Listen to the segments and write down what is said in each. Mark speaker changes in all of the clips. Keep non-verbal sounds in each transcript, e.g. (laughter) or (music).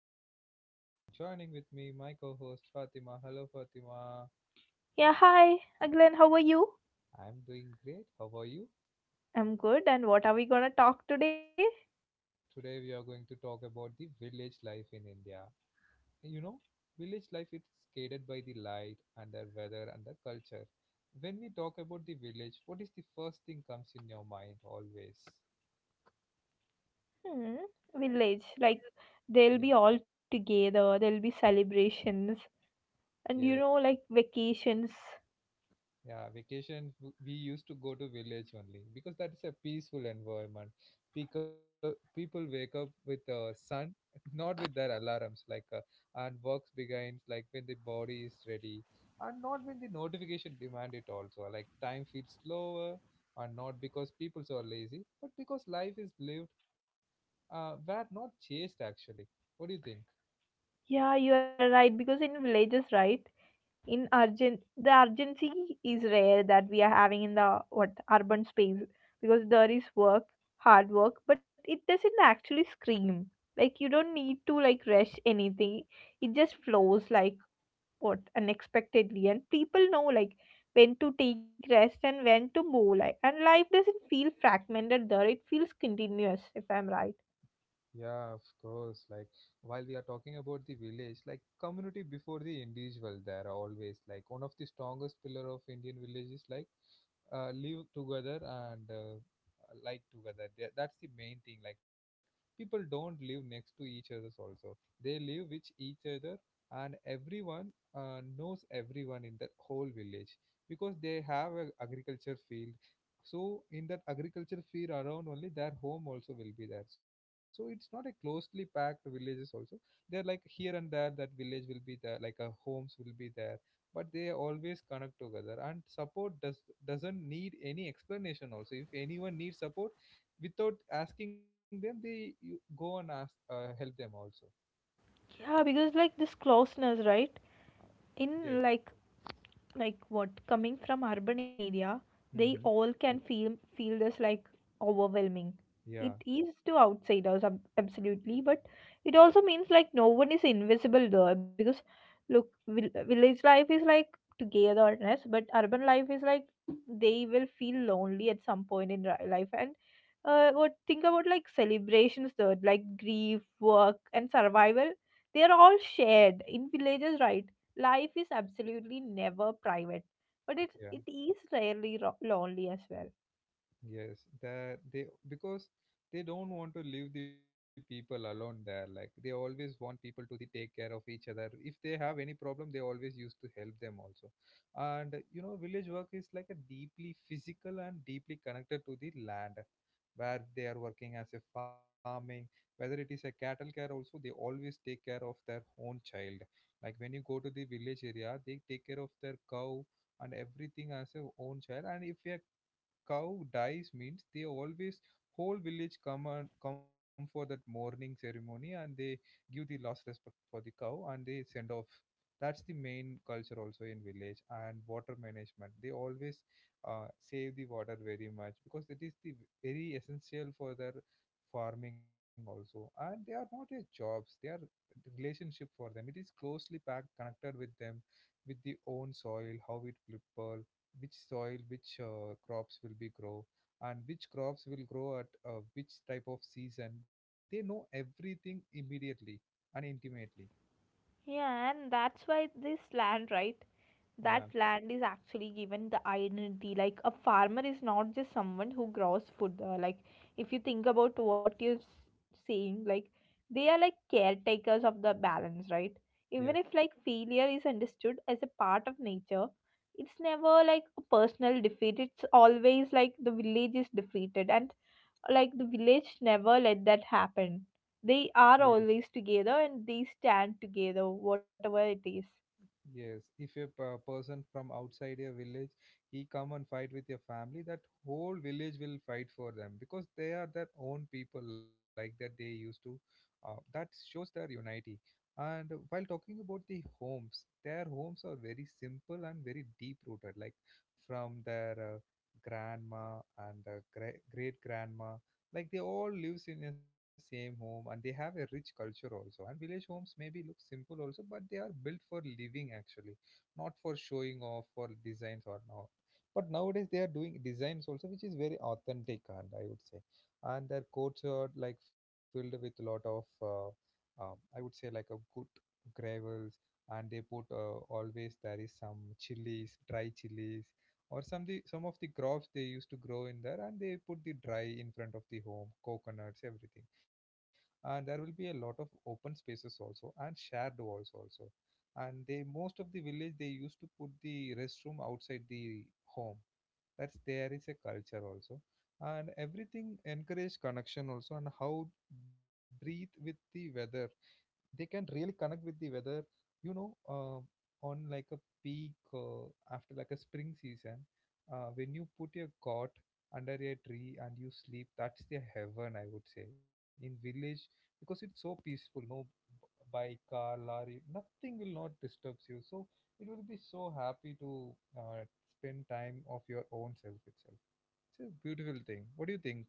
Speaker 1: host Agilan and joining with me my co-host Fatima. Hello Fatima.
Speaker 2: Yeah, hi, Aglen, how are you?
Speaker 1: I'm doing great. How are you?
Speaker 2: I'm good, and what are we gonna talk today?
Speaker 1: Today we are going to talk about the village life in India. You know, village life is guided by the light and the weather and the culture. When we talk about the village, what is the first thing comes in your mind always?
Speaker 2: Hmm, village.
Speaker 1: Yeah,
Speaker 2: They'll be all together, there'll be celebrations, and
Speaker 1: yes.
Speaker 2: like vacations.
Speaker 1: Yeah, vacation we used to go to village only because that is a peaceful environment. People wake up with sun, (laughs) not with their alarms like and works begins like when the body is ready, and not when the notification demand it also. Like time feels slower, and not because people are lazy, but because life is lived were not chased actually. What do you think?
Speaker 2: Yeah, you are right, because in villages, right, in urgent, the urgency is rare that we are having in the what urban space because there is work, hard work, but it doesn't actually scream. Like, you don't need to like rush anything, it just flows like what unexpectedly, and people know like when to take rest and when to move, like, and life doesn't feel fragmented there, it feels continuous, if I'm right.
Speaker 1: Yeah, of course. Like, while we are talking about the village, like, community before the individual, there are always like one of the strongest pillar of Indian village is like live together and like together. That's the main thing. Like, people don't live next to each other's also. They live with each other, and everyone knows everyone in the whole village because they have a agriculture field, so in that agriculture field around only their home also will be there, so it's not a closely packed villages also. They're like here and there, that village will be there like a homes will be there, but they always connect together and support doesn't need any explanation also. If anyone needs support, without asking them, they you go and ask help them also.
Speaker 2: Yeah, because like this closeness, right,
Speaker 1: Yes.
Speaker 2: in like what coming from urban area, they
Speaker 1: Mm-hmm.
Speaker 2: all can feel this like overwhelming it
Speaker 1: Yeah.
Speaker 2: is to outsiders, absolutely, but it also means like no one is invisible there, because look, village life is like togetherness, but urban life is like they will feel lonely at some point in life. And what think about like celebrations though, like grief, work, and survival, they are all shared in villages, right? Life is absolutely never private, but it is rarely lonely as well.
Speaker 1: Yes, that they because they don't want to leave the people alone there. Like they always want people to the take care of each other. If they have any problem, they always used to help them also. And you know, village work is like a deeply physical and deeply connected to the land, where they are working as a farming, whether it is a cattle care also, they always take care of their own child. Like when you go to the village area, they take care of their cow and everything as a own child. And if a cow dies means they always whole village come for that mourning ceremony, and they give the last respect for the cow and they send off. That's the main culture also in village. And water management, they always save the water very much because it is the very essential for their farming also. And they are not a jobs, they are relationship. For them it is closely packed connected with them, with the own soil, how it people, which soil, which crops will be grow, and which crops will grow at which type of season, they know everything immediately and intimately.
Speaker 2: Yeah, and that's why this land, right,
Speaker 1: Yeah.
Speaker 2: that land is actually given the identity, like a farmer is not just someone who grows food, like if you think about what you're saying, like they are like caretakers of the balance, right?
Speaker 1: Yes.
Speaker 2: Even if like failure is understood as a part of nature, it's never like a personal defeat, it's always like the village is defeated, and like the village never let that happen. They
Speaker 1: Yes.
Speaker 2: are always together, and they stand together, whatever it is.
Speaker 1: Yes, if a person from outside your village, he come and fight with your family, that whole village will fight for them because they are their own people like that they used to. That shows their unity. And while talking about the homes, their homes are very simple and very deep rooted, like from their grandma and great great grandma, like they all lives in the same home and they have a rich culture also. And village homes maybe look simple also, but they are built for living actually, not for showing off for designs or not. But nowadays they are doing designs also, which is very authentic, and I would say, and their courts are like filled with a lot of um, I would say like a good gravels. And they put always there is some chilies, dry chilies, or some the some of the crops they used to grow in there, and they put the dry in front of the home, coconuts, everything. And there will be a lot of open spaces also and shared walls also. And they most of the village they used to put the restroom outside the home. That's there is a culture also. And everything encourage connection also, and how breathe with the weather, they can really connect with the weather. You know, on like a peak, after like a spring season, when you put your cot under a tree and you sleep, that's the heaven I would say in village, because it's so peaceful. No bike, car, lorry, nothing will not disturbs you, so it will be so happy to uh, spend time of your own self itself. It's a beautiful thing. What do you think?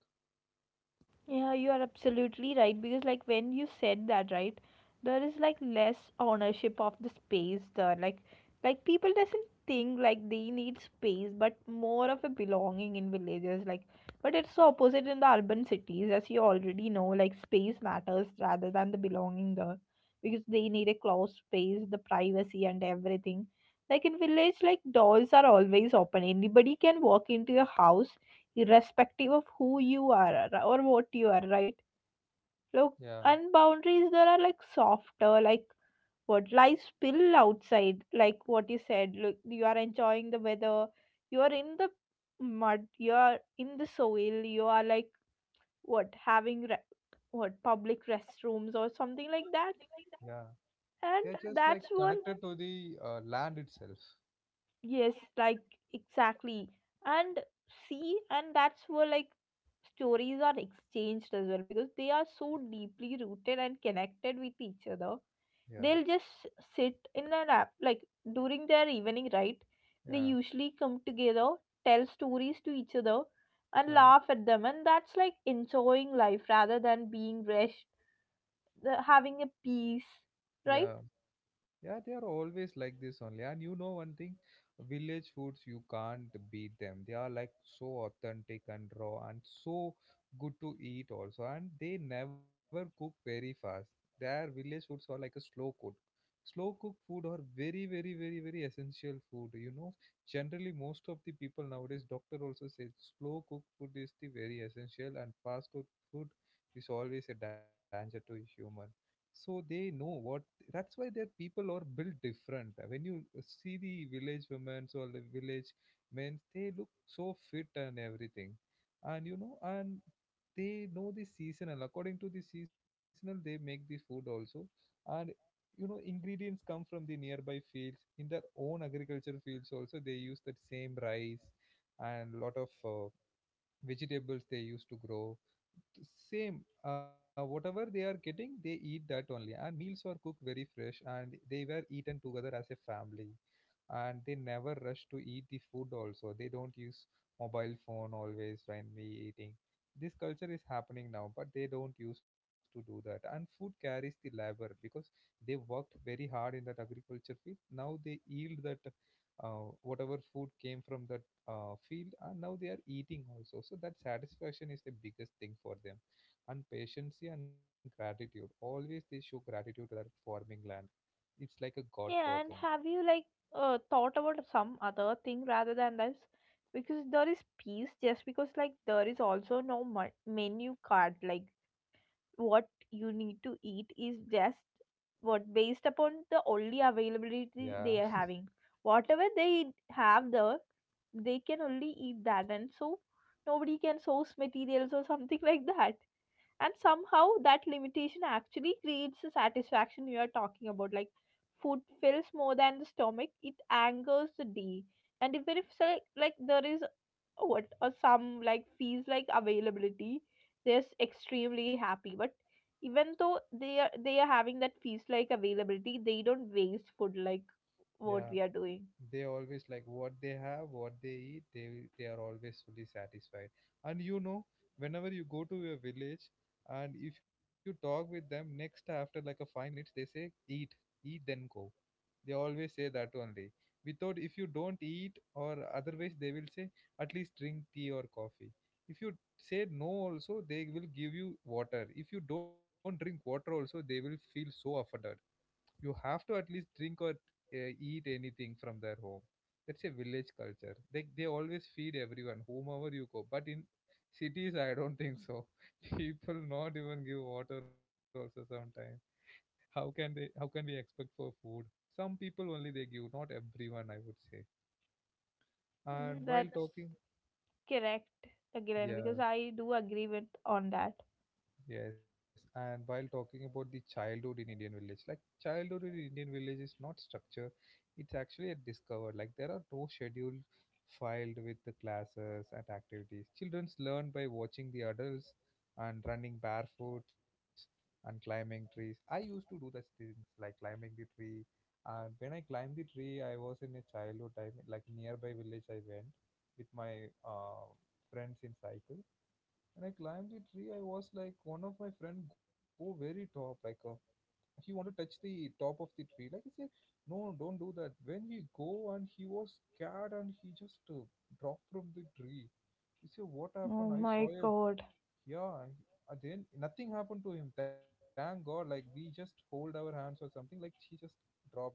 Speaker 2: Yeah, you are absolutely right, because like when you said that, right, there is like less ownership of the space there. Like people doesn't think like they need space, but more of a belonging in villages. Like but it's the opposite in the urban cities, as you already know, like space matters rather than the belonging there. Because they need a closed space, the privacy and everything. Like in village, like doors are always open. Anybody can walk into your house irrespective of who you are, or what you are, right?
Speaker 1: Yeah.
Speaker 2: Look, and boundaries there are like softer, like what lies spill outside, like what you said. Look, you are enjoying the weather, you are in the mud, you are in the soil, you are like what having what public restrooms or something like that,
Speaker 1: Yeah, they're
Speaker 2: and
Speaker 1: just like
Speaker 2: that's what.
Speaker 1: connected to the land itself.
Speaker 2: Yes, like exactly. And see, and that's where like stories are exchanged as well, because they are so deeply rooted and connected with each other.
Speaker 1: Yeah.
Speaker 2: They'll just sit in an app like during their evening, right? They
Speaker 1: Yeah.
Speaker 2: usually come together, tell stories to each other, and
Speaker 1: Yeah.
Speaker 2: laugh at them. And that's like enjoying life rather than being rushed, having a peace,
Speaker 1: Yeah.
Speaker 2: right?
Speaker 1: Yeah, they are always like this only. And you know one thing, village foods you can't beat them. They are like so authentic and raw and so good to eat also. And they never cook very fast. Their village foods are like a slow cook. Slow cooked food are very, very, very, very essential food. You know, generally most of the people nowadays, doctor also says slow cooked food is the very essential, and fast cooked food is always a danger to human. So they know what, that's why their people are built different. When you see the village women or the village men, they look so fit and everything. And you know, and they know the seasonal, according to the seasonal they make the food also. And you know, ingredients come from the nearby fields, in their own agriculture fields also they use that same rice and lot of vegetables they used to grow. Same whatever they are getting, they eat that only. And meals are cooked very fresh, and they were eaten together as a family. And they never rush to eat the food also. They don't use mobile phone always when we eating. This culture is happening now, but they don't used to do that. And food carries the labor, because they worked very hard in that agriculture field, now they yield that whatever food came from that field, and now they are eating also, so that satisfaction is the biggest thing for them. And patience and gratitude, always they show gratitude to their farming land. It's like a god for
Speaker 2: Yeah, and
Speaker 1: them.
Speaker 2: have you like thought about some other thing rather than this? Because there is peace, just because like there is also no menu card. Like what you need to eat is just what based upon the only availability
Speaker 1: Yeah.
Speaker 2: they are having. Whatever they have there, they can only eat that, and so nobody can source materials or something (laughs) like that, and somehow that limitation actually creates the satisfaction you are talking about, like food fills more than the stomach, it angers the day. And even if say, like there is a what or some like fees like availability, they're extremely happy, but even though they are having that fees like availability, they don't waste food like
Speaker 1: (laughs)
Speaker 2: what
Speaker 1: Yeah,
Speaker 2: we are doing.
Speaker 1: they always like what they have what they eat, they are always fully satisfied. And you know, whenever you go to your village, and if you talk with them, next after like a 5 minutes they say eat, eat then go. They always say that only. Without, if you don't eat or otherwise they will say at least drink tea or coffee. If you say no also, they will give you water. If you don't drink water also, they will feel so offended. You have to at least drink or eat anything from their home. That's a village culture. They always feed everyone whomever you go. But in cities I don't think so. (laughs) People not even give water also sometimes. How can they, how can we expect for food? Some people only they give, not everyone I would say. And while
Speaker 2: That's
Speaker 1: talking.
Speaker 2: correct again, because
Speaker 1: Yeah.
Speaker 2: I do agree with on that.
Speaker 1: Yes, and while talking about the childhood in Indian village, like childhood in Indian village is not structure, it's actually a discover. Like there are no schedule filed with the classes and activities. Childrens learn by watching the adults, and running barefoot, and climbing trees. I used to do those things like climbing the tree. And when I climbed the tree, I was in a childhood time, like nearby village I went with my friends in cycle. When I climbed the tree, I was like, one of my friend go very top, like he want to touch the top of the tree. Like I said, no, don't do that. When he go, and he was scared, and he just dropped from the tree. You see what
Speaker 2: Oh
Speaker 1: happened? I
Speaker 2: my
Speaker 1: saw a.
Speaker 2: god.
Speaker 1: Yeah. Then nothing happened to him. Thank God. Like we just hold our hands or something. Like he just dropped.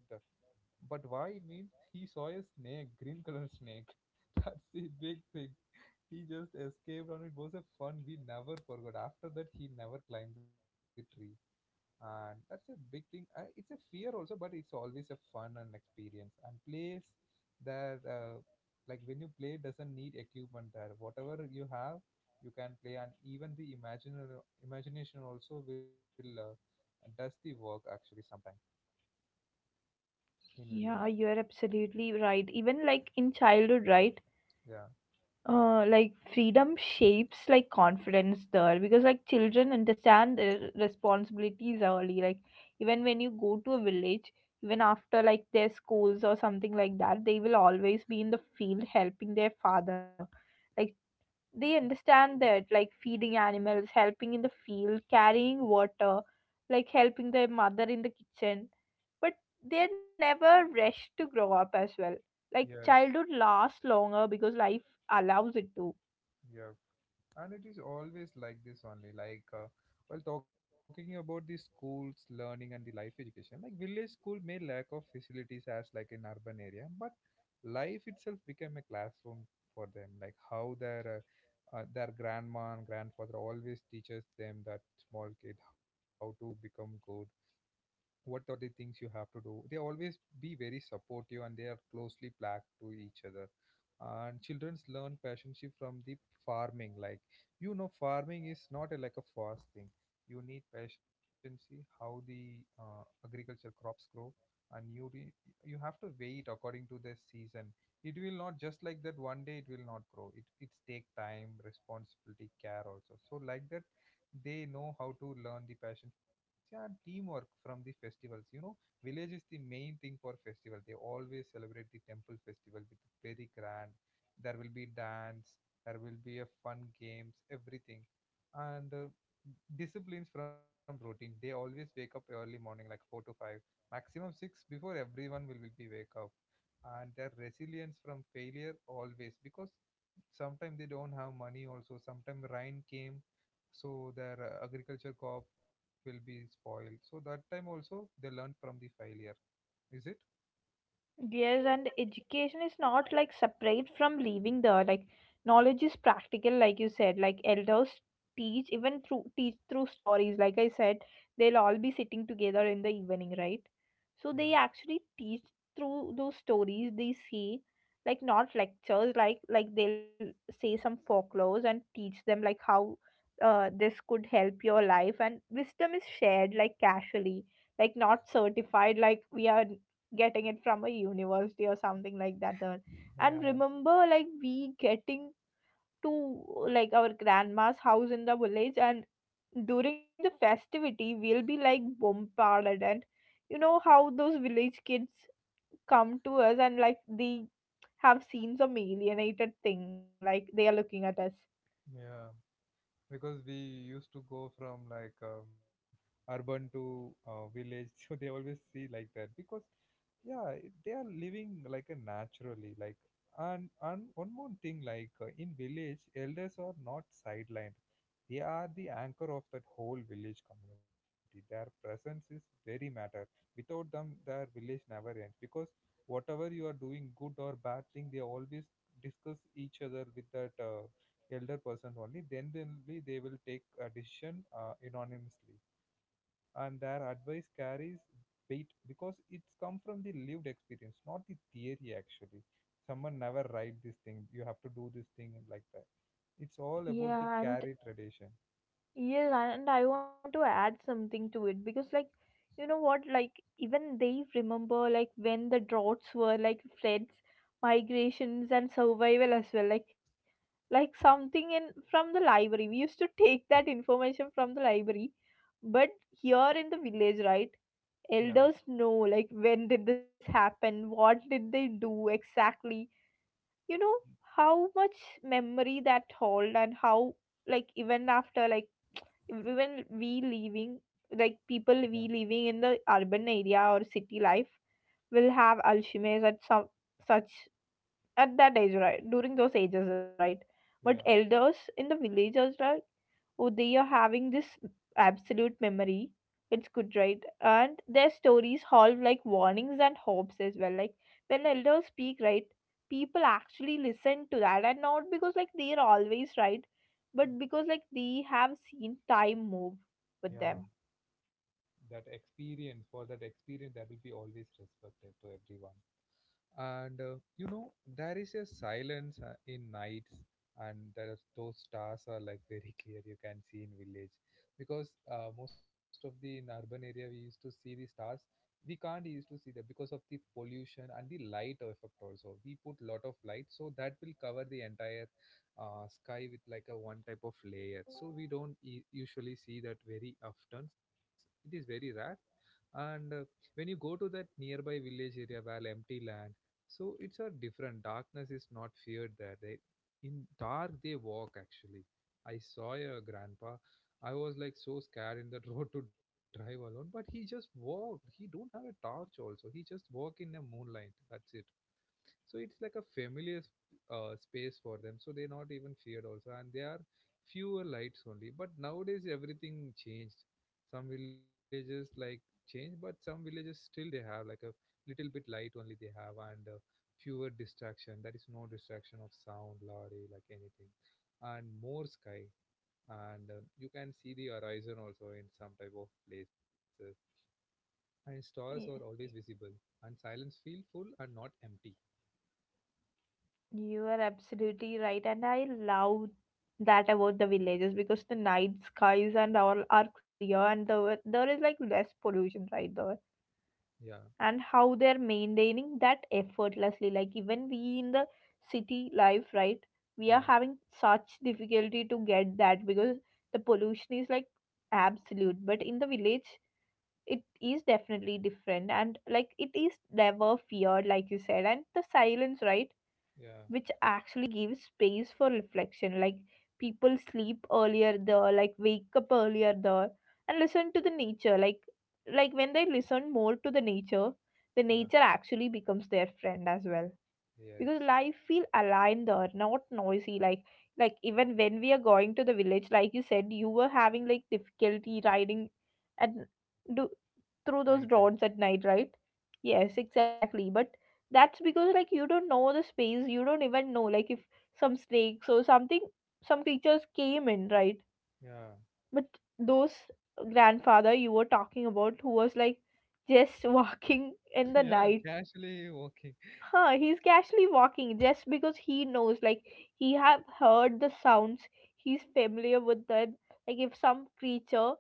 Speaker 1: But why? Means he saw a snake, green color snake. (laughs) That's the big thing. He just escaped, and it was a fun we never forgot. After that, he never climbed the tree, and that's a big thing. It's a fear also, but it's always a fun and experience and place that, like when you play, doesn't need equipment. There, whatever you have, you can play, and even the imaginary imagination also will does the work actually sometime in
Speaker 2: Yeah,
Speaker 1: village.
Speaker 2: you're absolutely right. Even like in childhood, right?
Speaker 1: Yeah.
Speaker 2: Like freedom shapes like confidence there, because like children understand their responsibilities early. Like even when you go to a village, even after like their schools or something like that, they will always be in the field helping their father. Like they understand that like feeding animals, helping in the field, carrying water, like helping their mother in the kitchen, but they're never rushed to grow up as well. Like
Speaker 1: Yeah. Yes.
Speaker 2: childhood lasts longer because life allows it to.
Speaker 1: Yeah. And it is always like this only, while talking about the schools, learning and the life education, like village school may lack of facilities as like in urban area, but life itself became a classroom for them. Like how their grandma and grandfather always teaches them that small kid how to become good, what are the things you have to do. They always be very supportive and they are closely plugged to each other. And childrens learn passionship from the farming. Like, you know, farming is not a, like a fast thing. You need patience, see how the agricultural crops grow. And you have to wait according to the season. It will not just like that one day it will not grow, it's take time, responsibility, care also. So like that they know how to learn the passions, yeah, and teamwork from the festivals, you know. Village is the main thing for festival. They always celebrate the temple festival with very grand. There will be dance, there will be a fun games, everything. And disciplines from routine, they always wake up early morning like 4 to 5, maximum 6, before everyone will be wake up. And their resilience from failure always, because sometimes they don't have money also, sometimes rain came, so their agriculture co-op will be spoiled, so that time also they learn from the failure. Is it?
Speaker 2: Yes, and education is not like separate from living there. Like knowledge is practical, like you said. Like elders teach, even through teach through stories. Like I said, they'll all be sitting together in the evening, right?
Speaker 1: Yeah.
Speaker 2: So they actually teach through those stories they see, like not lectures. Like they'll say some folklores and teach them like how this could help your life. And wisdom is shared like casually, like not certified. Like we are getting it from a university or something like that there. And
Speaker 1: Yeah.
Speaker 2: remember like we getting to like our grandma's house in the village, and during the festivity we'll be like bombarded, and you know how those village kids come to us and like they have seen some alienated thing, like they are looking at us.
Speaker 1: Yeah, because we used to go from urban to village (laughs) so they always see like that, because yeah, they are living like a naturally. Like, and one more thing, in village elders are not sidelined. They are the anchor of that whole village community, their presence is very matter. Without them their village never ends, because whatever you are doing, good or bad thing, they always discuss each other with that elder person only, then only they will take a decision, anonymously. And their advice carries weight because it's come from the lived experience, not the theory actually. Someone never write this thing, you have to do this thing like that. It's all about the
Speaker 2: Yeah, and
Speaker 1: carry tradition.
Speaker 2: yes, and I want to add something to it because, like, you know what? Like, even they remember, like, when the droughts were, like, floods, migrations, and survival as well. Like something in from the library. We used to take that information from the library, but here in the village, right?
Speaker 1: Yeah,
Speaker 2: Elders know, like, when did this happen? What did they do exactly? You know how much memory that hold, and how, like, even after, like even we living, like
Speaker 1: yeah,
Speaker 2: people we living in the urban area or city life, will have Alzheimer's at some such at that age, right? During those ages, right? But
Speaker 1: yeah,
Speaker 2: elders in the villages, oh they are having this absolute memory, it's good, right? And their stories hold like warnings and hopes as well. Like when elders speak, right, people actually listen to that, and not because like they are always right, but because like they have seen time move with them.
Speaker 1: yeah. That experience, for that experience there will be always respected to everyone. And you know, there is a silence in nights, and there are, those stars are like very (laughs) clear, you can see in village. Because most of the in urban area we used to see the stars, we can't used to see that because of the pollution and the light effect also, we put lot of light so that will cover the entire sky with like a one type of layer, so we don't usually see that very often. It is very rare. And When you go to that nearby village area where empty land, so it's a different, darkness is not feared there. They in dark they walk actually. I saw a grandpa, I was like so scared in that (laughs) road to drive alone, but he just walked, he don't have a torch also, he just walk in a moonlight, that's it. So it's like a familiar space for them, so they're not even feared also. And there are fewer lights only, but nowadays everything changed. Some villages like change, but some villages still they have like a little bit light only they have. And Fewer distraction, that is no distraction of sound, lorry, like anything. And more sky, and you can see the horizon also in some type of places, and stars are
Speaker 2: Y-
Speaker 1: always visible. And silence feel full and not empty.
Speaker 2: you are absolutely right, and I love that about the villages, because the night skies and all are clear, and the, there is like less pollution right there,
Speaker 1: Yeah.
Speaker 2: and how they're maintaining that effortlessly. Like even we in the city life, right, we are
Speaker 1: Yeah.
Speaker 2: having such difficulty to get that, because the pollution is like absolute, but in the village it is definitely different, and like it is never feared like you said, and the silence, right,
Speaker 1: Yeah,
Speaker 2: which actually gives space for reflection. Like people sleep earlier there, like wake up earlier there, and listen to the nature, like when they listen more to the nature, the
Speaker 1: yeah,
Speaker 2: nature actually becomes their friend as well, because
Speaker 1: yes.
Speaker 2: life feel aligned there, not noisy, like even when we are going to the village, like you said, you were having like difficulty riding and do
Speaker 1: Night
Speaker 2: through
Speaker 1: time.
Speaker 2: those roads at night, right? Yes, exactly, but that's because like you don't know the space, you don't even know like if some snakes or something, some creatures came in, right?
Speaker 1: Yeah,
Speaker 2: But those grandfather you were talking about who was like just (laughs) walking in the
Speaker 1: (laughs) yeah,
Speaker 2: night,
Speaker 1: casually walking.
Speaker 2: huh, he's casually walking just because he knows, like he have heard the sounds, he's familiar with them. Like if some creature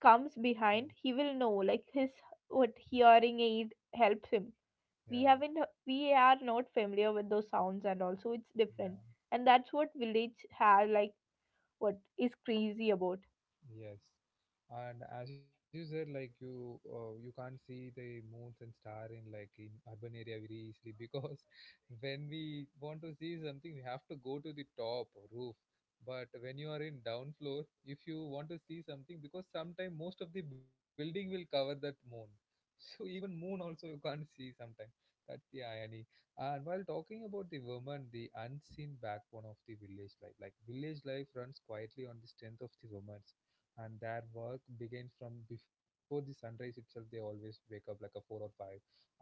Speaker 2: comes
Speaker 1: Mm.
Speaker 2: behind, he will know. Like his what hearing aid helps him. We haven't
Speaker 1: Yeah,
Speaker 2: we are not familiar with those sounds, and also it's different. And
Speaker 1: yeah.
Speaker 2: that's what village has like what is crazy about.
Speaker 1: Yes, and as you said, you you can't see the moons and star in like in urban area very easily, because (laughs) when we want to see something, we have to go to the top or roof. But when you are in down floor, if you want to see something, because sometime most of the building will cover that moon, (laughs) so even moon also you can't (laughs) see sometime. That's the irony. And while talking about the woman, the unseen backbone of the village life, like village life runs quietly on the strength of the woman. And their work begins from before the sunrise itself, they always wake up like a four or five,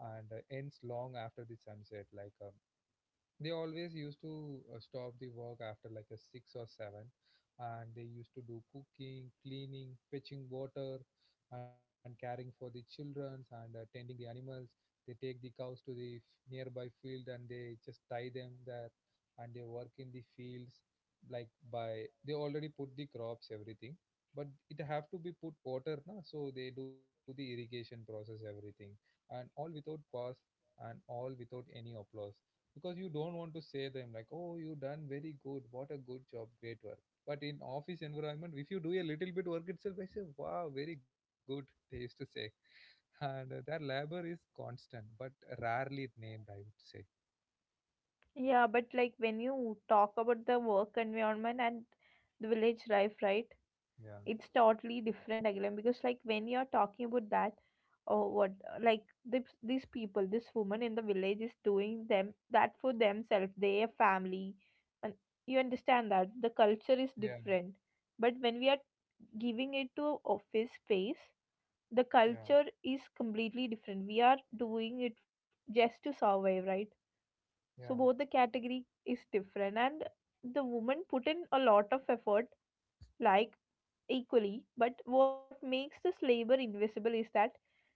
Speaker 1: and ends long after the sunset, they always used to stop the work after like a six or seven. And they used to do cooking, cleaning, fetching water, and caring for the children, and tending the animals. They take the cows to the nearby field, and they just tie them there. And they work in the fields, like by they already put the crops everything, but it have to be put water na, so they do the irrigation process everything. And all without pause, and all without any applause. Because you don't want to say them like, oh, you done very good, what a good job, great work. But in office environment, if you do a little bit work itself, they say wow, very good, (laughs) they used to say. And Their labor is constant, but rarely named, I would say.
Speaker 2: Yeah, but like when you talk about the work environment and the village life, right?
Speaker 1: Yeah,
Speaker 2: It's totally different again, because like when you're talking about that or what like this, these people, this woman in the village is doing them that for themselves, their family, and you understand that the culture
Speaker 1: yeah,
Speaker 2: is different, but when we are giving it to office space,
Speaker 1: yeah,
Speaker 2: the culture is completely different, we are doing it just to survive, right?
Speaker 1: yeah.
Speaker 2: So both the category is different, and the woman put in a lot of effort like equally, but what makes this labor invisible is that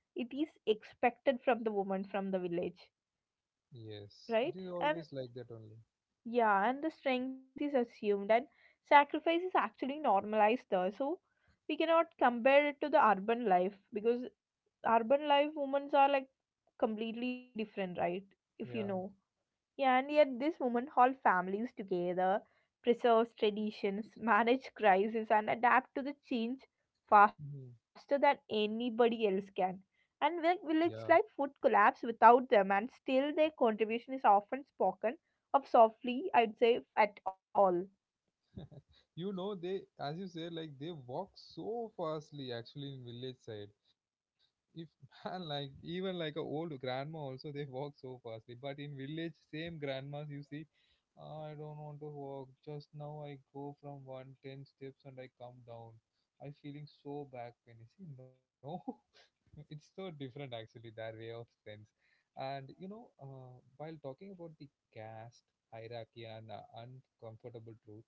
Speaker 2: it is expected from the woman from the village,
Speaker 1: Yes, it is
Speaker 2: right?
Speaker 1: always
Speaker 2: And
Speaker 1: like that only.
Speaker 2: yeah, and the strength is assumed, and sacrifice is actually normalized there. So we cannot compare it to the urban life, because urban life women are like completely different, right? If you
Speaker 1: Yeah.
Speaker 2: know. Yeah, and yet this woman hold families together, preserves traditions, manage crises, and adapt to the change faster
Speaker 1: Mhm.
Speaker 2: than anybody else can. And village
Speaker 1: Yeah.
Speaker 2: life would collapse without them, and still their contribution is often spoken of softly, I'd say, if at all.
Speaker 1: You know, they, as you say, like they walk so fastly actually in village side. If (laughs) man, like even like a old grandma also they walk so fastly. But in village, same grandmas you see, "Ah, I don't want to walk. Just now I go from one ten steps and I come down. I feeling so back pain. I see, (laughs) no, it's so different, actually, their way of sense. And you know, while talking about the caste hierarchy and uncomfortable truth,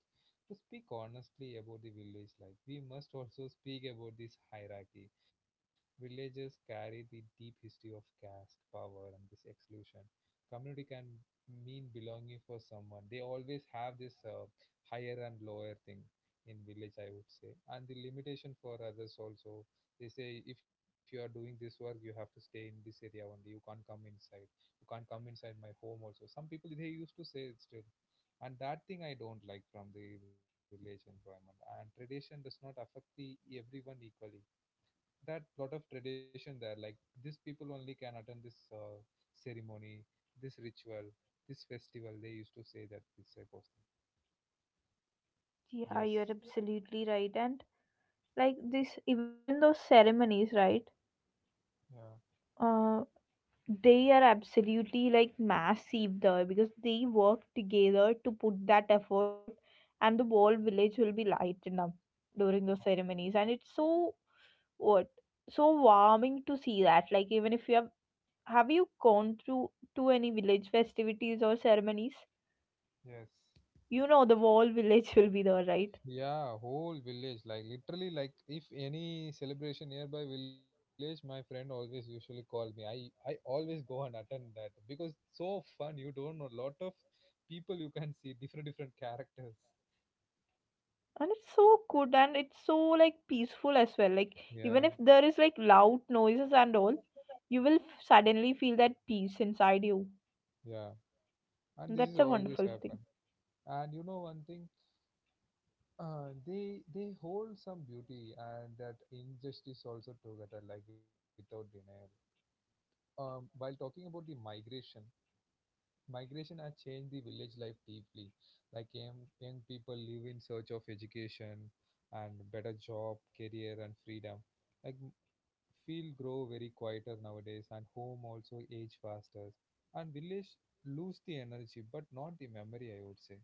Speaker 1: to speak honestly about the village life, we must also speak about this hierarchy. Villages carry the deep history of caste, power, and this exclusion. Community can mean belonging for someone. They always have this higher and lower thing in village, I would say, and the limitation for others also. They say if you are doing this work, you have to stay in this area only, you can't come inside, you can't come inside my home also, some people they used to say it still. And that thing I don't like from the village environment. And tradition does not affect the everyone equally, that lot of tradition there, like these people only can attend this ceremony, this ritual, this festival, they used to say that this type of thing.
Speaker 2: Yeah,
Speaker 1: Yes.
Speaker 2: you're absolutely right. And like this, even those ceremonies, right?
Speaker 1: Yeah.
Speaker 2: They are absolutely like massive there because they work together to put that effort and the whole village will be lightened up during those ceremonies, and it's so what so warming to see that, like, even if you have you gone through to any village festivities or ceremonies,
Speaker 1: Yeah. Yes.
Speaker 2: you know the whole village (laughs) will be there, right?
Speaker 1: Yeah, whole village. Like literally, like if any celebration nearby village, my friend always usually call me. I always go and attend that because so fun. You don't know lot of people, you can see different different characters.
Speaker 2: And it's so good, and it's so like peaceful as well, like even
Speaker 1: Yeah,
Speaker 2: if there is like loud noises and all, you suddenly feel that peace inside you.
Speaker 1: yeah, and this is
Speaker 2: That's a
Speaker 1: always
Speaker 2: wonderful thing.
Speaker 1: happen. And you know one thing, they hold some beauty and that injustice also together, like without denial. While talking about the migration, migration has changed the village life deeply. Like young people live in search of education and better job, career and freedom. Like m- Field grow very quieter nowadays, and home also age faster. And village lose the energy but not the memory, I would say.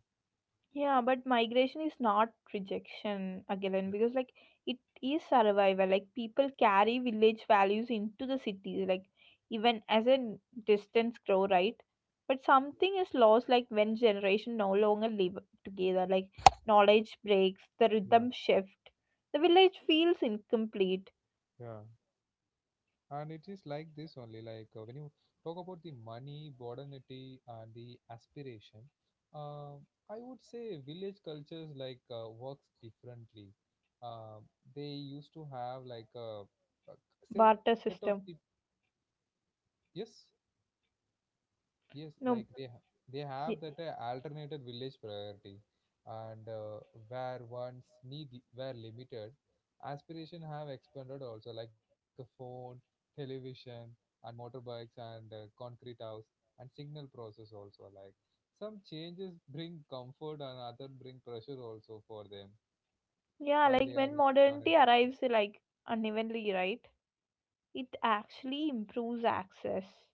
Speaker 2: Yeah, but migration is not rejection again, because like it is survival. Like people carry village values into the cities, like even as a distance grow, right? But
Speaker 1: Yeah,
Speaker 2: something is lost like when generation no longer live together, like knowledge breaks, the
Speaker 1: yeah.
Speaker 2: rhythm shift. The village feels incomplete.
Speaker 1: Yeah. And it is like this only, when you talk about the money, modernity and the aspiration. Uh, i would say village cultures works differently. uh, they used to have like a set of
Speaker 2: Barter
Speaker 1: the,
Speaker 2: system.
Speaker 1: yes. Yes,
Speaker 2: No
Speaker 1: they have
Speaker 2: y-
Speaker 1: that alternated village priority, and where one's need were limited, aspiration have expanded also, like a phone, television, and motorbikes and concrete house and signal process also. Like some changes bring comfort and other bring pressure also for them
Speaker 2: yeah,
Speaker 1: while they
Speaker 2: like
Speaker 1: are
Speaker 2: when
Speaker 1: want to turn
Speaker 2: modernity
Speaker 1: into modern.
Speaker 2: arrives like unevenly, right? It actually improves access,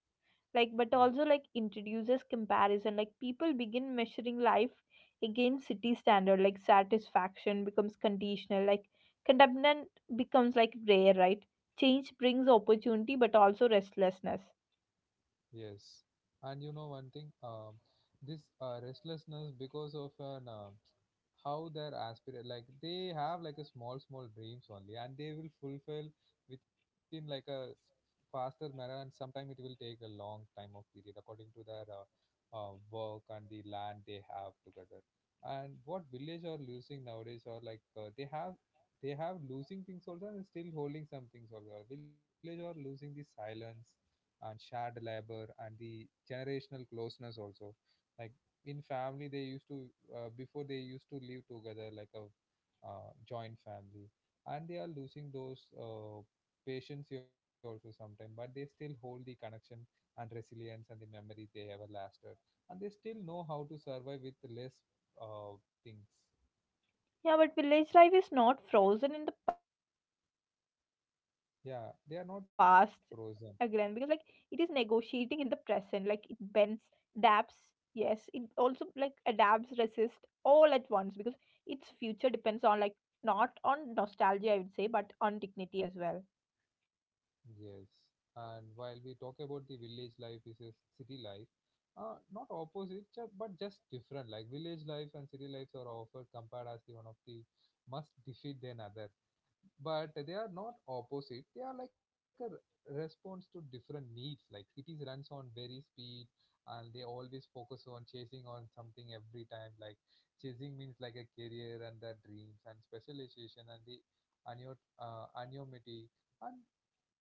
Speaker 2: like,
Speaker 1: Yeah.
Speaker 2: but also like introduces comparison, like people begin measuring life against city standard, like satisfaction becomes conditional, like contentment becomes like rare, right? Change brings opportunity but also restlessness.
Speaker 1: Yes, and you know one thing, this restlessness, because of an how their aspirate, like they have like a small dreams only, and they will fulfill within like a faster manner, and sometime it will take a long time of period according to their work and the land they have together. And what village are losing nowadays? Or like they have losing things also, and still holding some things also. Village are losing the silence and shared labor and the generational closeness also. Like in family they used to, before they used to live together like a joint family. And they are losing those patience here also sometimes, but they still hold the connection and resilience and the memory they ever lasted. And they still know how to survive with less uh, things.
Speaker 2: Yeah, but village life is not frozen in the past again, because like it
Speaker 1: Yeah,
Speaker 2: is
Speaker 1: they are not
Speaker 2: negotiating in
Speaker 1: frozen.
Speaker 2: the present. Like it bends, adapts. Yes, it also like adapts, resist all at once because its future depends on like not on nostalgia, I would say, but on dignity as well.
Speaker 1: Yes, and while we talk about the village life versus city life, not opposite, but just different. Like village life and city lives are often compared as the one of the must defeat than other, but they are not opposite. They are like a response to different needs. Like cities runs on very speed, and they always focus on chasing on something every time. Like chasing means like a career and the dreams and specialization and the anonymity. And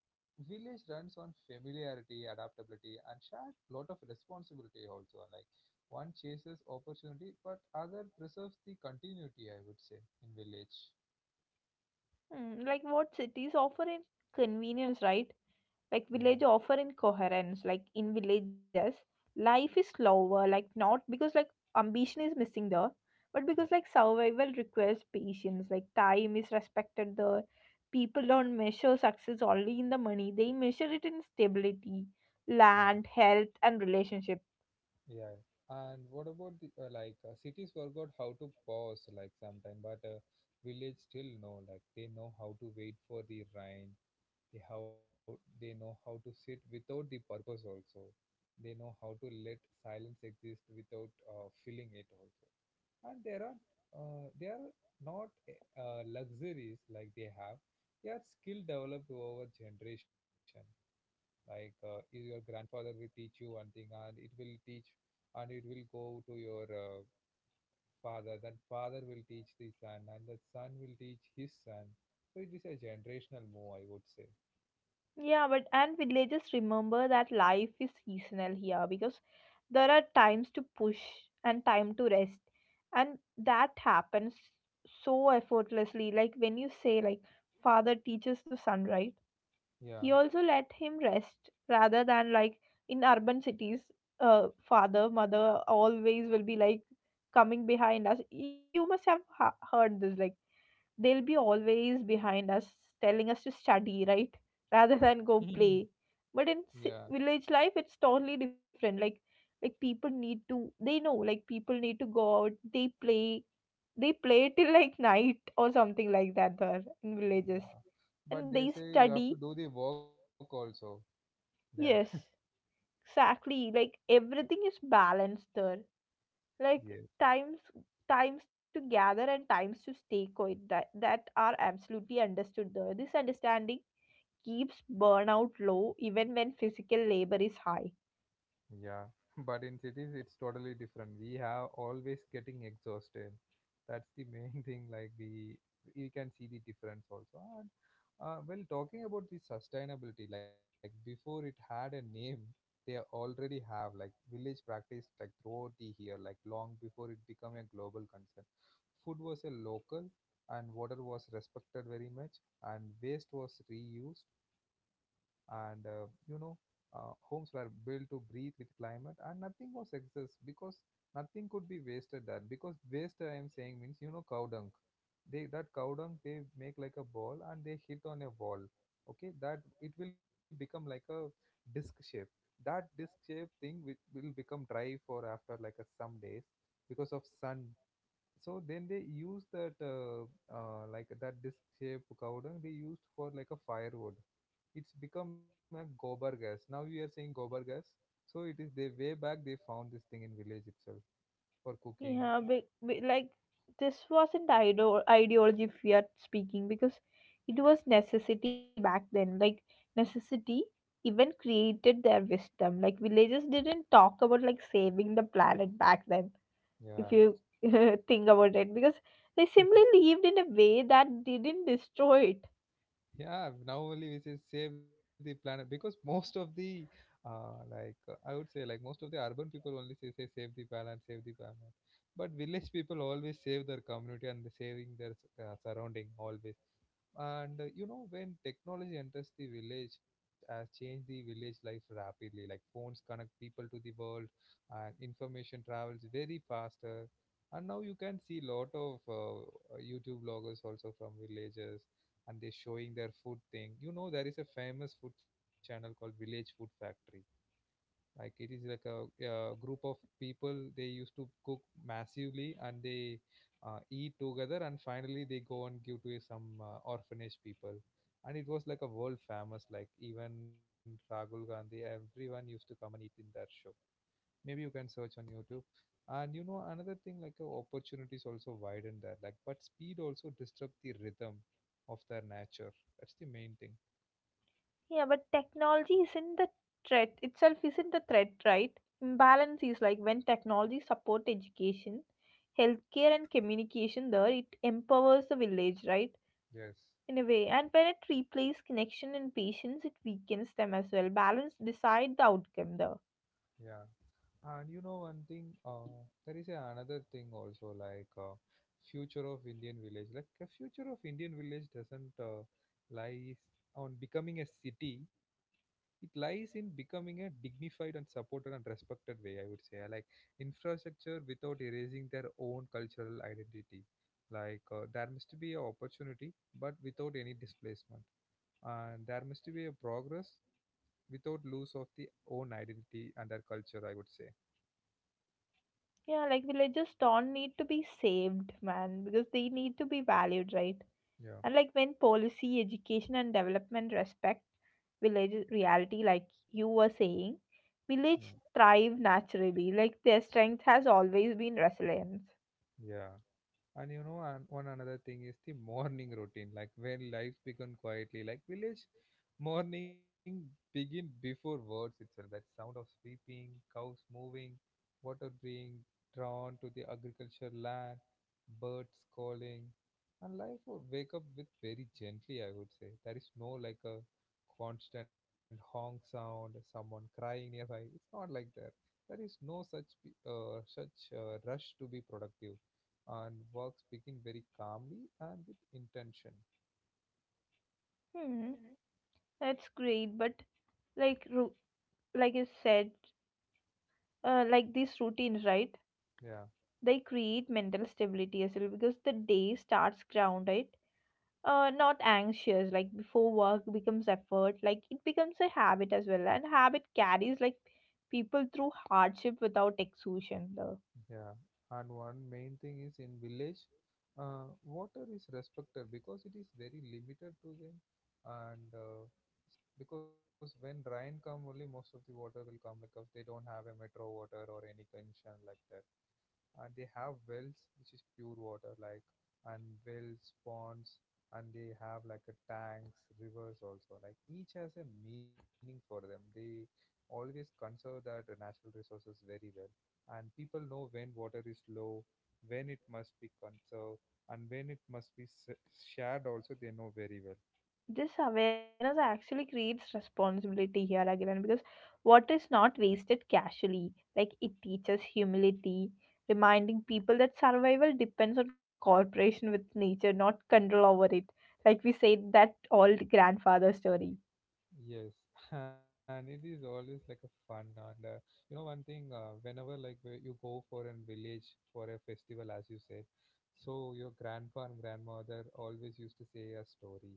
Speaker 1: Village runs on familiarity, adaptability, and shared lot of responsibility also. Like one chases opportunity, but other preserves the continuity. I would say in village.
Speaker 2: Hmm, like what cities offer is convenience, right?
Speaker 1: Yeah,
Speaker 2: Like village offer incoherence, like in villages life is slower, like not because like ambition is missing there, but
Speaker 1: yeah,
Speaker 2: because like survival requires patience, like time is respected there. People don't measure success only in the money, they measure it in stability,
Speaker 1: yeah,
Speaker 2: land health and relationship.
Speaker 1: yeah. And what about the like cities forgot how to pause like sometime, but village still know like they know how to wait for the rain. They know how to sit without the purpose also. They know how to let silence exist without feeling it also, and there are they are not luxuries. Like they are skill developed over generation. Like is your grandfather will teach you one thing, and it will go to your father, then father will teach the son and the son will teach his son. So it is a generational move, I would say.
Speaker 2: Yeah, but and villagers remember that life is seasonal here, because there are times to push and time to rest, and that happens so effortlessly. Like when you say, like father teaches the son, right?
Speaker 1: Yeah.
Speaker 2: He also let him rest, rather than like in urban cities, father, mother always will be like coming behind us. You must have heard this, like they'll be always behind us, telling us to study, right? Rather than
Speaker 1: Mhm.
Speaker 2: go play. But in
Speaker 1: Yeah,
Speaker 2: ci- village life, it's totally different. Like people need to, they know, like people need to go out, they play till like night or something like that there in villages,
Speaker 1: yeah,
Speaker 2: and
Speaker 1: but they
Speaker 2: they
Speaker 1: say you have to
Speaker 2: study.
Speaker 1: do the work also there. (laughs)
Speaker 2: Yes, exactly. Like everything is balanced there. Like
Speaker 1: Yes.
Speaker 2: times times to gather and times to stay quiet, that are absolutely understood there. This understanding keeps burnout low even when physical labor is high.
Speaker 1: Yeah, (laughs) but in cities it's totally different. We have always getting exhausted. That's the (laughs) main thing. Like we can see the difference also. And well, talking about the sustainability, like before it had a name, they already have like village practice like throughout the year, like long before it became a global concern. Food was a local, and water was respected very much, and waste was reused, and you know, homes were built to breathe with climate, and nothing was excess because nothing could be wasted there. Because waste, I am saying, means you know cow dung. They that cow dung they make like a ball and they hit on a wall. Okay, that it will become like a disc shape. That disc shape thing will become dry for after like a some days because of sun. So then they use that like that disc shape cowdung they used for like a firewood. It's become a gobar gas, now we are saying gobar gas. So it is they way back they found this thing in village itself for cooking.
Speaker 2: Yeah, but like this wasn't idol ideology, if we are speaking, because it was necessity back then. Like necessity even created their wisdom. Like villages didn't talk about like saving the planet back then, if
Speaker 1: Yeah.
Speaker 2: you (laughs) think about it, because they simply
Speaker 1: (laughs)
Speaker 2: lived in a way that didn't destroy it.
Speaker 1: Yeah, now only we say save the planet because most of the I would say, like most of the urban people only say, say save the planet, save the planet, but village people always save their community and they saving their surrounding always. And you know, when technology enters the village, has changed the village life rapidly. Like phones connect people to the world, and information travels very faster. And now you can see lot of YouTube vloggers also from villages, and they're showing their food thing. You know, there is a famous food channel called Village Food Factory. Like it is like a group of people they used to cook massively, and they eat together, and finally they go and give to some orphanage people. And it was like a world famous, like even Rahul Gandhi everyone used to come and eat in that show. Maybe you can search on YouTube. And you know another thing, like opportunities also widen that, like but speed also disrupt the rhythm of their nature. That's the main thing.
Speaker 2: Yeah, but technology isn't the threat, itself isn't the threat, right? Imbalance is, like when technology support education, healthcare and communication there, it empowers the village, right?
Speaker 1: Yes.
Speaker 2: In a way. And when it replaces connection and patience, it weakens them as well. Balance decide the outcome there.
Speaker 1: Yeah. And you know one thing, there is a another thing also like future of Indian village. Like a future of Indian village doesn't lies on becoming a city. It lies in becoming a dignified and supported and respected way. I would say like infrastructure without erasing their own cultural identity. Like there must be a opportunity, but without any displacement. And there must be a progress without loss of the own identity and their culture, I would say.
Speaker 2: Yeah, like villages don't need to be saved, man, because they need to be valued, right?
Speaker 1: Yeah,
Speaker 2: And like when policy, education, and development respect village reality, like you were saying,
Speaker 1: yeah,
Speaker 2: village thrive naturally. Like their strength has always been resilience.
Speaker 1: yeah. And you know, and one another thing is the morning routine, like when lives begin quietly, like village morning begin before words itself. That sound of sweeping, cows moving, water being drawn to the agricultural land, birds calling, and life would wake up with very gently, I would say. There is no like a constant honk sound, someone crying nearby. It's not like that. There is no such rush to be productive, and works begin very calmly and with intention.
Speaker 2: Hmm, that's great. But like ru- like you said, like these routines, right?
Speaker 1: Yeah,
Speaker 2: They create mental stability as well because the day starts grounded, not anxious, like before work becomes effort, like it becomes a habit as well, and habit carries like people through hardship without exhaustion though.
Speaker 1: yeah. And one main thing is in village, water is respected because it is very limited to them, and because when rain come, only most of the water will come, like if they don't have a metro water or any connection like that. And they have wells which is pure water, like, and wells, ponds, and they have like a tanks, rivers also. Like each has a meaning for them. They always conserve that natural resources very well. And people know when water is low, when it must be conserved, and when it must be shared also. They know very well.
Speaker 2: This awareness actually creates responsibility here again, because what is not wasted casually, like it teaches humility, reminding people that survival depends on cooperation with nature, not control over it, like we said that old grandfather story.
Speaker 1: Yes, (laughs) and it is always like a fun. And you know one thing, whenever like where you go for a village for a festival as you said, so your grandpa and grandmother always used to say a story,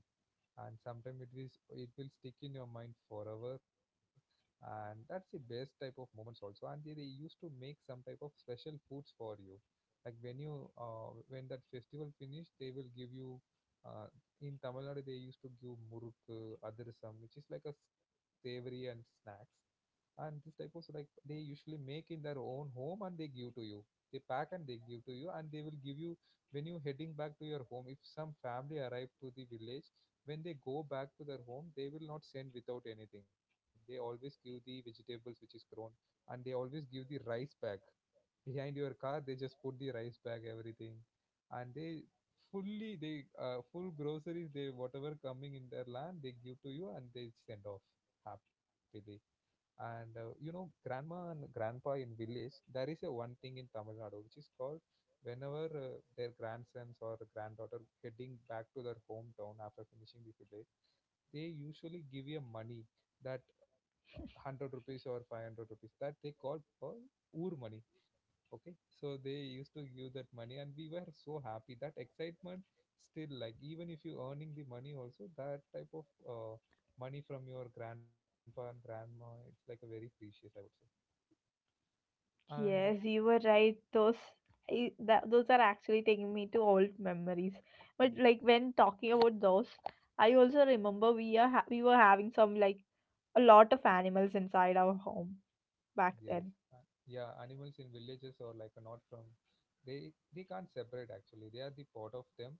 Speaker 1: and sometimes it is it will stick in your mind forever, and that's the best type of moments also. And they used to make some type of special foods for you, like when you when that festival finished, they will give you uh, in Tamil Nadu they used to give murukku, adirsam, which is like a savory and snacks. And this type of, so like they usually make in their own home and they give to you. They pack and they give to you, and they will give you when you heading back to your home. If some family arrive to the village, when they go back to their home, they will not send without anything. They always give the vegetables which is grown, and they always give the rice bag. Behind your car they just put the rice bag, everything. And they fully they full groceries they whatever coming in their land they give to you, and they send off happily. And you know grandma and grandpa in village, there is a one thing in Tamil Nadu which is called, whenever their grandsons or granddaughter heading back to their hometown after finishing the village, they usually give you money, that 100 rupees or 500 rupees, that they call for oor money. Okay, so they used to give that money and we were so happy, that excitement still, like even if you earning the money also, that type of money from your grandpa and grandma, it's like a very precious, I would say. And
Speaker 2: Yes, you were right. Those those are actually taking me to old memories. But
Speaker 1: mm,
Speaker 2: like when talking about those, I also remember we were having some like a lot of animals inside our home
Speaker 1: yes.
Speaker 2: back
Speaker 1: Uh,
Speaker 2: then.
Speaker 1: yeah, animals in villages are like a not from, they can't separate actually, they are the part of them.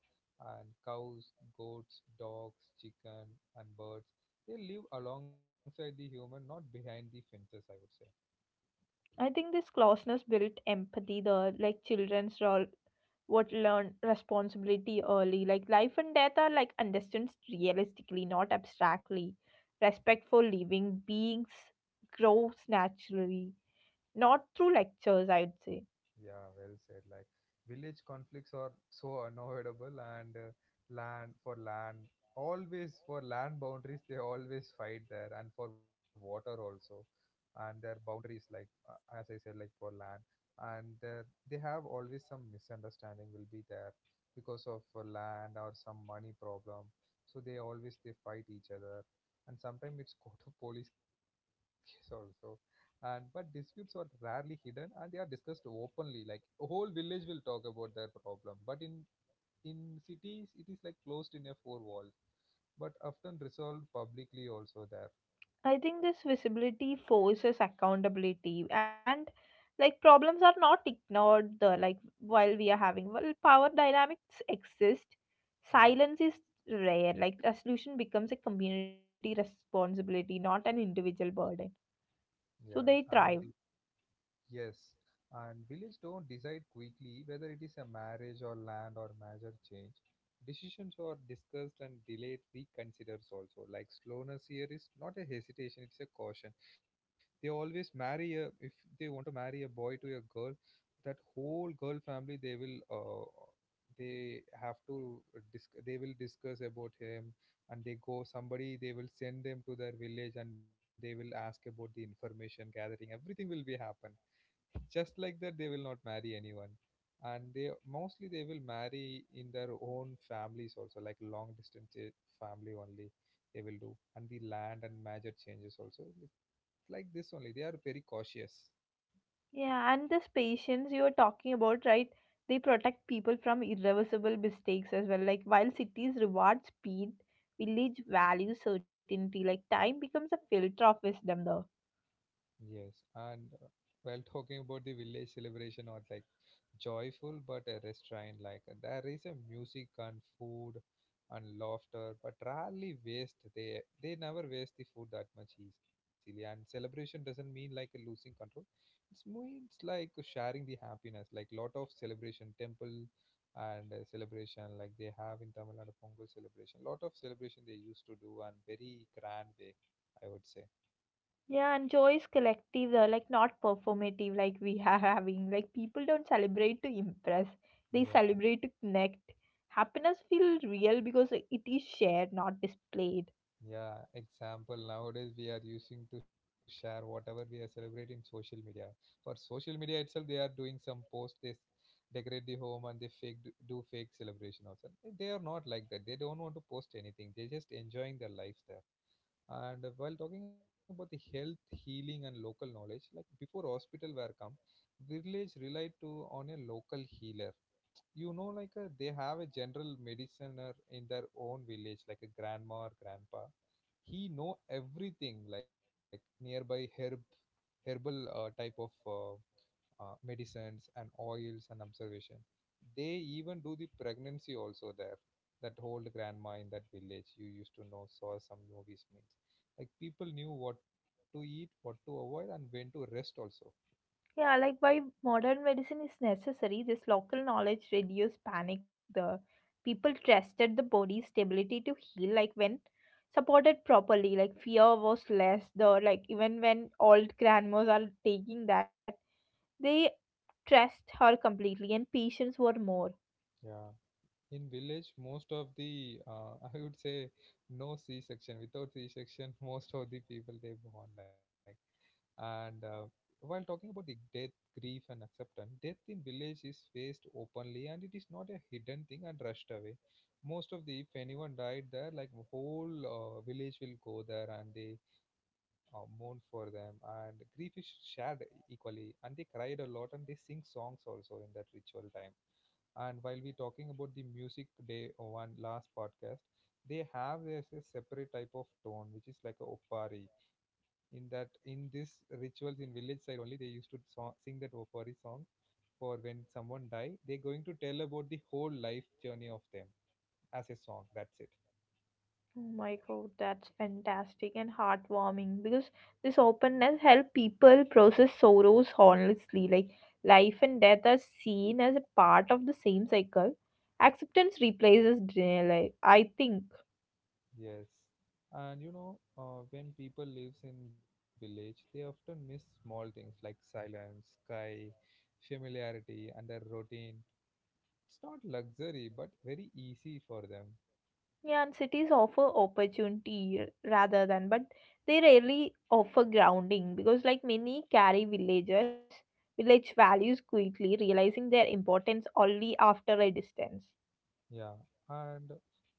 Speaker 1: And cows, goats, dogs, chicken and birds, they live alongside the human, not behind the fences, I would say.
Speaker 2: I think this closeness built empathy. The like children's role what learn responsibility early. Like life and death are like understood realistically, not abstractly. Respect for living beings grows naturally, not through lectures, I'd say.
Speaker 1: Yeah, well said. Like village conflicts are so unavoidable, and land for land, always for land boundaries, they always fight there, and for water also, and their boundaries, like as I said, like for land, and they have always some misunderstanding will be there because of land or some money problem. So they always they fight each other, and sometimes it's (laughs) go to police case also. And but disputes are rarely hidden and they are discussed openly, like a whole village will talk about their problem, but in cities it is like closed in a four walls, but often resolved publicly also there.
Speaker 2: I think this visibility forces accountability, and like problems are not ignored, the like while we are having well power dynamics exist, silence is rare, like resolution becomes a community responsibility, not an individual burden,
Speaker 1: Yeah,
Speaker 2: so
Speaker 1: yeah. And
Speaker 2: they thrive.
Speaker 1: yes, and villages don't decide quickly whether it is a marriage or land or major change. Decisions are discussed and delayed, reconsiders also. Like slowness here is not a hesitation, it's a caution. They always marry a, if they want to marry a boy to a girl, that whole girl family they will they have to they will discuss about him, and they go somebody, they will send them to their village and they will ask about the information, gathering everything will be happen. Just like that they will not marry anyone. And they mostly they will marry in their own families also, like long distance family only they will do. And the land and major changes also, it's like this only, they are very cautious.
Speaker 2: Yeah, and this patience you are talking about, right? They protect people from irreversible mistakes as well. Like while cities reward speed, village values certainty. Like time becomes a filter of wisdom though.
Speaker 1: Yes, and while talking about the village celebration or like joyful but a restrained, like there is a music and food and laughter, but rarely waste. They never waste the food that much easily. And celebration doesn't mean like a losing control. It means like sharing the happiness, like lot of celebration, temple and celebration like they have in Tamil Nadu Pongal celebration. Lot of celebration they used to do and very grand way, I would say.
Speaker 2: Yeah, and joy is collective though, like not performative like we (laughs) are having. Like people don't celebrate to impress. They
Speaker 1: Yeah.
Speaker 2: celebrate to connect. Happiness feels real because it is shared, not displayed.
Speaker 1: Yeah, example nowadays we are using to share whatever we are celebrating social media. For social media itself, they are doing some post. Decorate the home and they do fake celebration also. They are not like that. They don't want to post anything. They're just enjoying their life there. And while talking about the health, healing, and local knowledge, like before hospital were come, village relied to on a local healer, you know, like a they have a general mediciner in their own village like a grandma or grandpa, he know everything like nearby herb herbal type of medicines and oils and observation, they even do the pregnancy also there. That old grandma in that village you used to know saw some movies means like people knew what to eat, what to avoid, and when to rest also.
Speaker 2: Yeah, like why modern medicine is necessary, this local knowledge reduced panic. The people trusted the body's stability to heal, like when supported properly, like fear was less. The like even when old grandmas are taking that, they trust her completely, and patients were more.
Speaker 1: Yeah, in village most of the (laughs) I would say no c-section, without c-section (laughs) most of the people they born like. And while talking about the death, grief and acceptance, death in village is faced openly and it is not a hidden thing and rushed away. Most of the if anyone died there, like whole village will go there and they mourn for them. And grief is shared equally and they cried a lot and they sing songs also in that ritual time. And while we talking about the music day or one last podcast, they have there's a separate type of tone which is like a opari. In this rituals in village side only, they used to sing that opari song for when someone die. They're going to tell about the whole life journey of them as a song. That's it.
Speaker 2: Oh my god, that's fantastic and heartwarming, because this openness helps people process sorrows honestly. Like life and death are seen as a part of the same cycle. Acceptance replaces denial, I think.
Speaker 1: Yes. And you know, when people lives in village, they often miss small things like silence, sky, familiarity, and their routine. It's not luxury, but very easy for them.
Speaker 2: Yeah, and cities offer opportunity rather than, but they rarely offer grounding, because like many carry villages, village values quickly, realizing their importance only after a distance.
Speaker 1: Yeah, and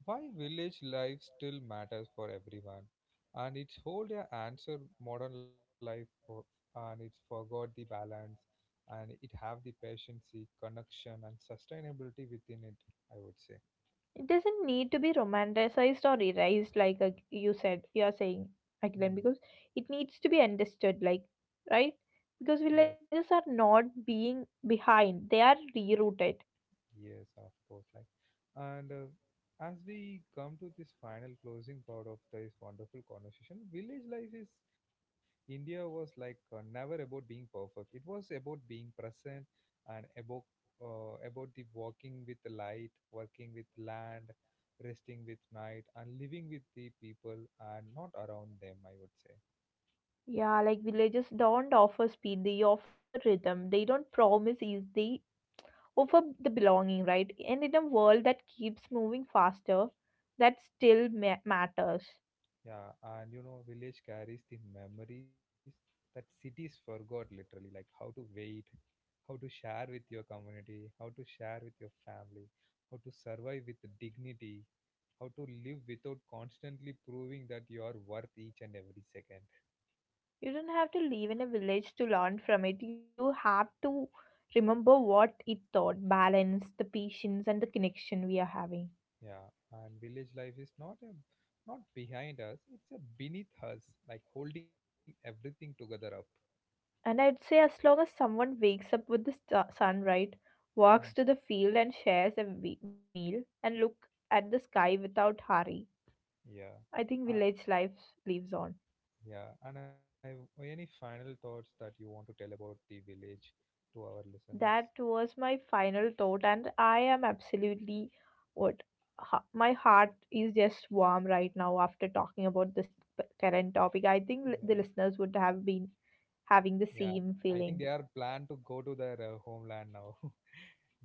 Speaker 1: why village life still matters for everyone, and it's hold a answer modern life, for, and it's forgot the balance, and it have the patience, connection, and sustainability within it. I would say.
Speaker 2: It doesn't need to be romanticized or erased, like you said, you are saying again,
Speaker 1: Hmm.
Speaker 2: because it needs to be understood, like, right? Because
Speaker 1: Yeah.
Speaker 2: villages are not being behind, they are rerouted.
Speaker 1: Yes, of course. Like, and as we come to this final closing part of this wonderful conversation, village life is India was like never about being perfect. It was about being present and about the walking with the light, working with land, resting with night, and living with the people and not around them. I would say.
Speaker 2: Yeah, like villages don't offer speed, they offer rhythm, they don't promise ease, they offer the belonging, right? And in a world that keeps moving faster, that still matters.
Speaker 1: Yeah, and you know, village carries the memories that cities forgot literally, like how to wait, how to share with your community, how to share with your family, how to survive with dignity, how to live without constantly proving that you are worth each and every second.
Speaker 2: You don't have to live in a village to learn from it. You have to remember what it taught: balance, the patience, and the connection we are having.
Speaker 1: Yeah, and village life is not a not behind us; it's a beneath us, like holding everything together up.
Speaker 2: And I'd say, as long as someone wakes up with the sun, right, walks
Speaker 1: Mm.
Speaker 2: to the field and shares a meal, and look at the sky without hurry,
Speaker 1: Yeah.
Speaker 2: I think village life lives on.
Speaker 1: Yeah, and I any final thoughts that you want to tell about the village to our listeners?
Speaker 2: That was my final thought, and I am absolutely what my heart is just warm right now after talking about this current topic. I think li- the
Speaker 1: Yeah.
Speaker 2: listeners would have been having
Speaker 1: Yeah,
Speaker 2: the same
Speaker 1: I think they
Speaker 2: feeling.
Speaker 1: are planned to go to their homeland now. (laughs)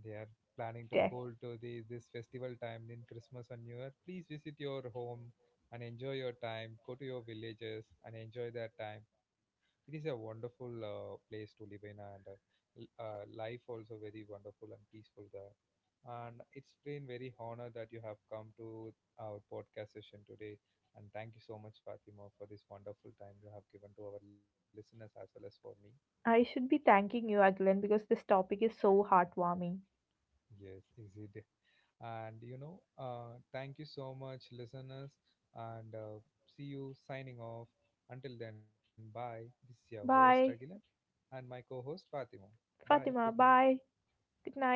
Speaker 1: They are planning to
Speaker 2: Def,
Speaker 1: go to the this festival time in Christmas and New Year. Please visit your home and enjoy your time. Go to your villages and enjoy that time. It is a wonderful place to live in, and life also very wonderful and peaceful there. And it's been very honor that you have come to our podcast session today, and thank you so much, Fatima, for this wonderful time you have given to our listeners as well as for me.
Speaker 2: I should be thanking you again, because this topic is so heartwarming.
Speaker 1: Yes, is it? And you know, thank you so much, listeners. And see you signing off. Until then, bye. This is your host, Agilan,
Speaker 2: Bye,
Speaker 1: and my co host, Fatima.
Speaker 2: Fatima,
Speaker 1: Bye. Good
Speaker 2: bye.
Speaker 1: night.
Speaker 2: Good night.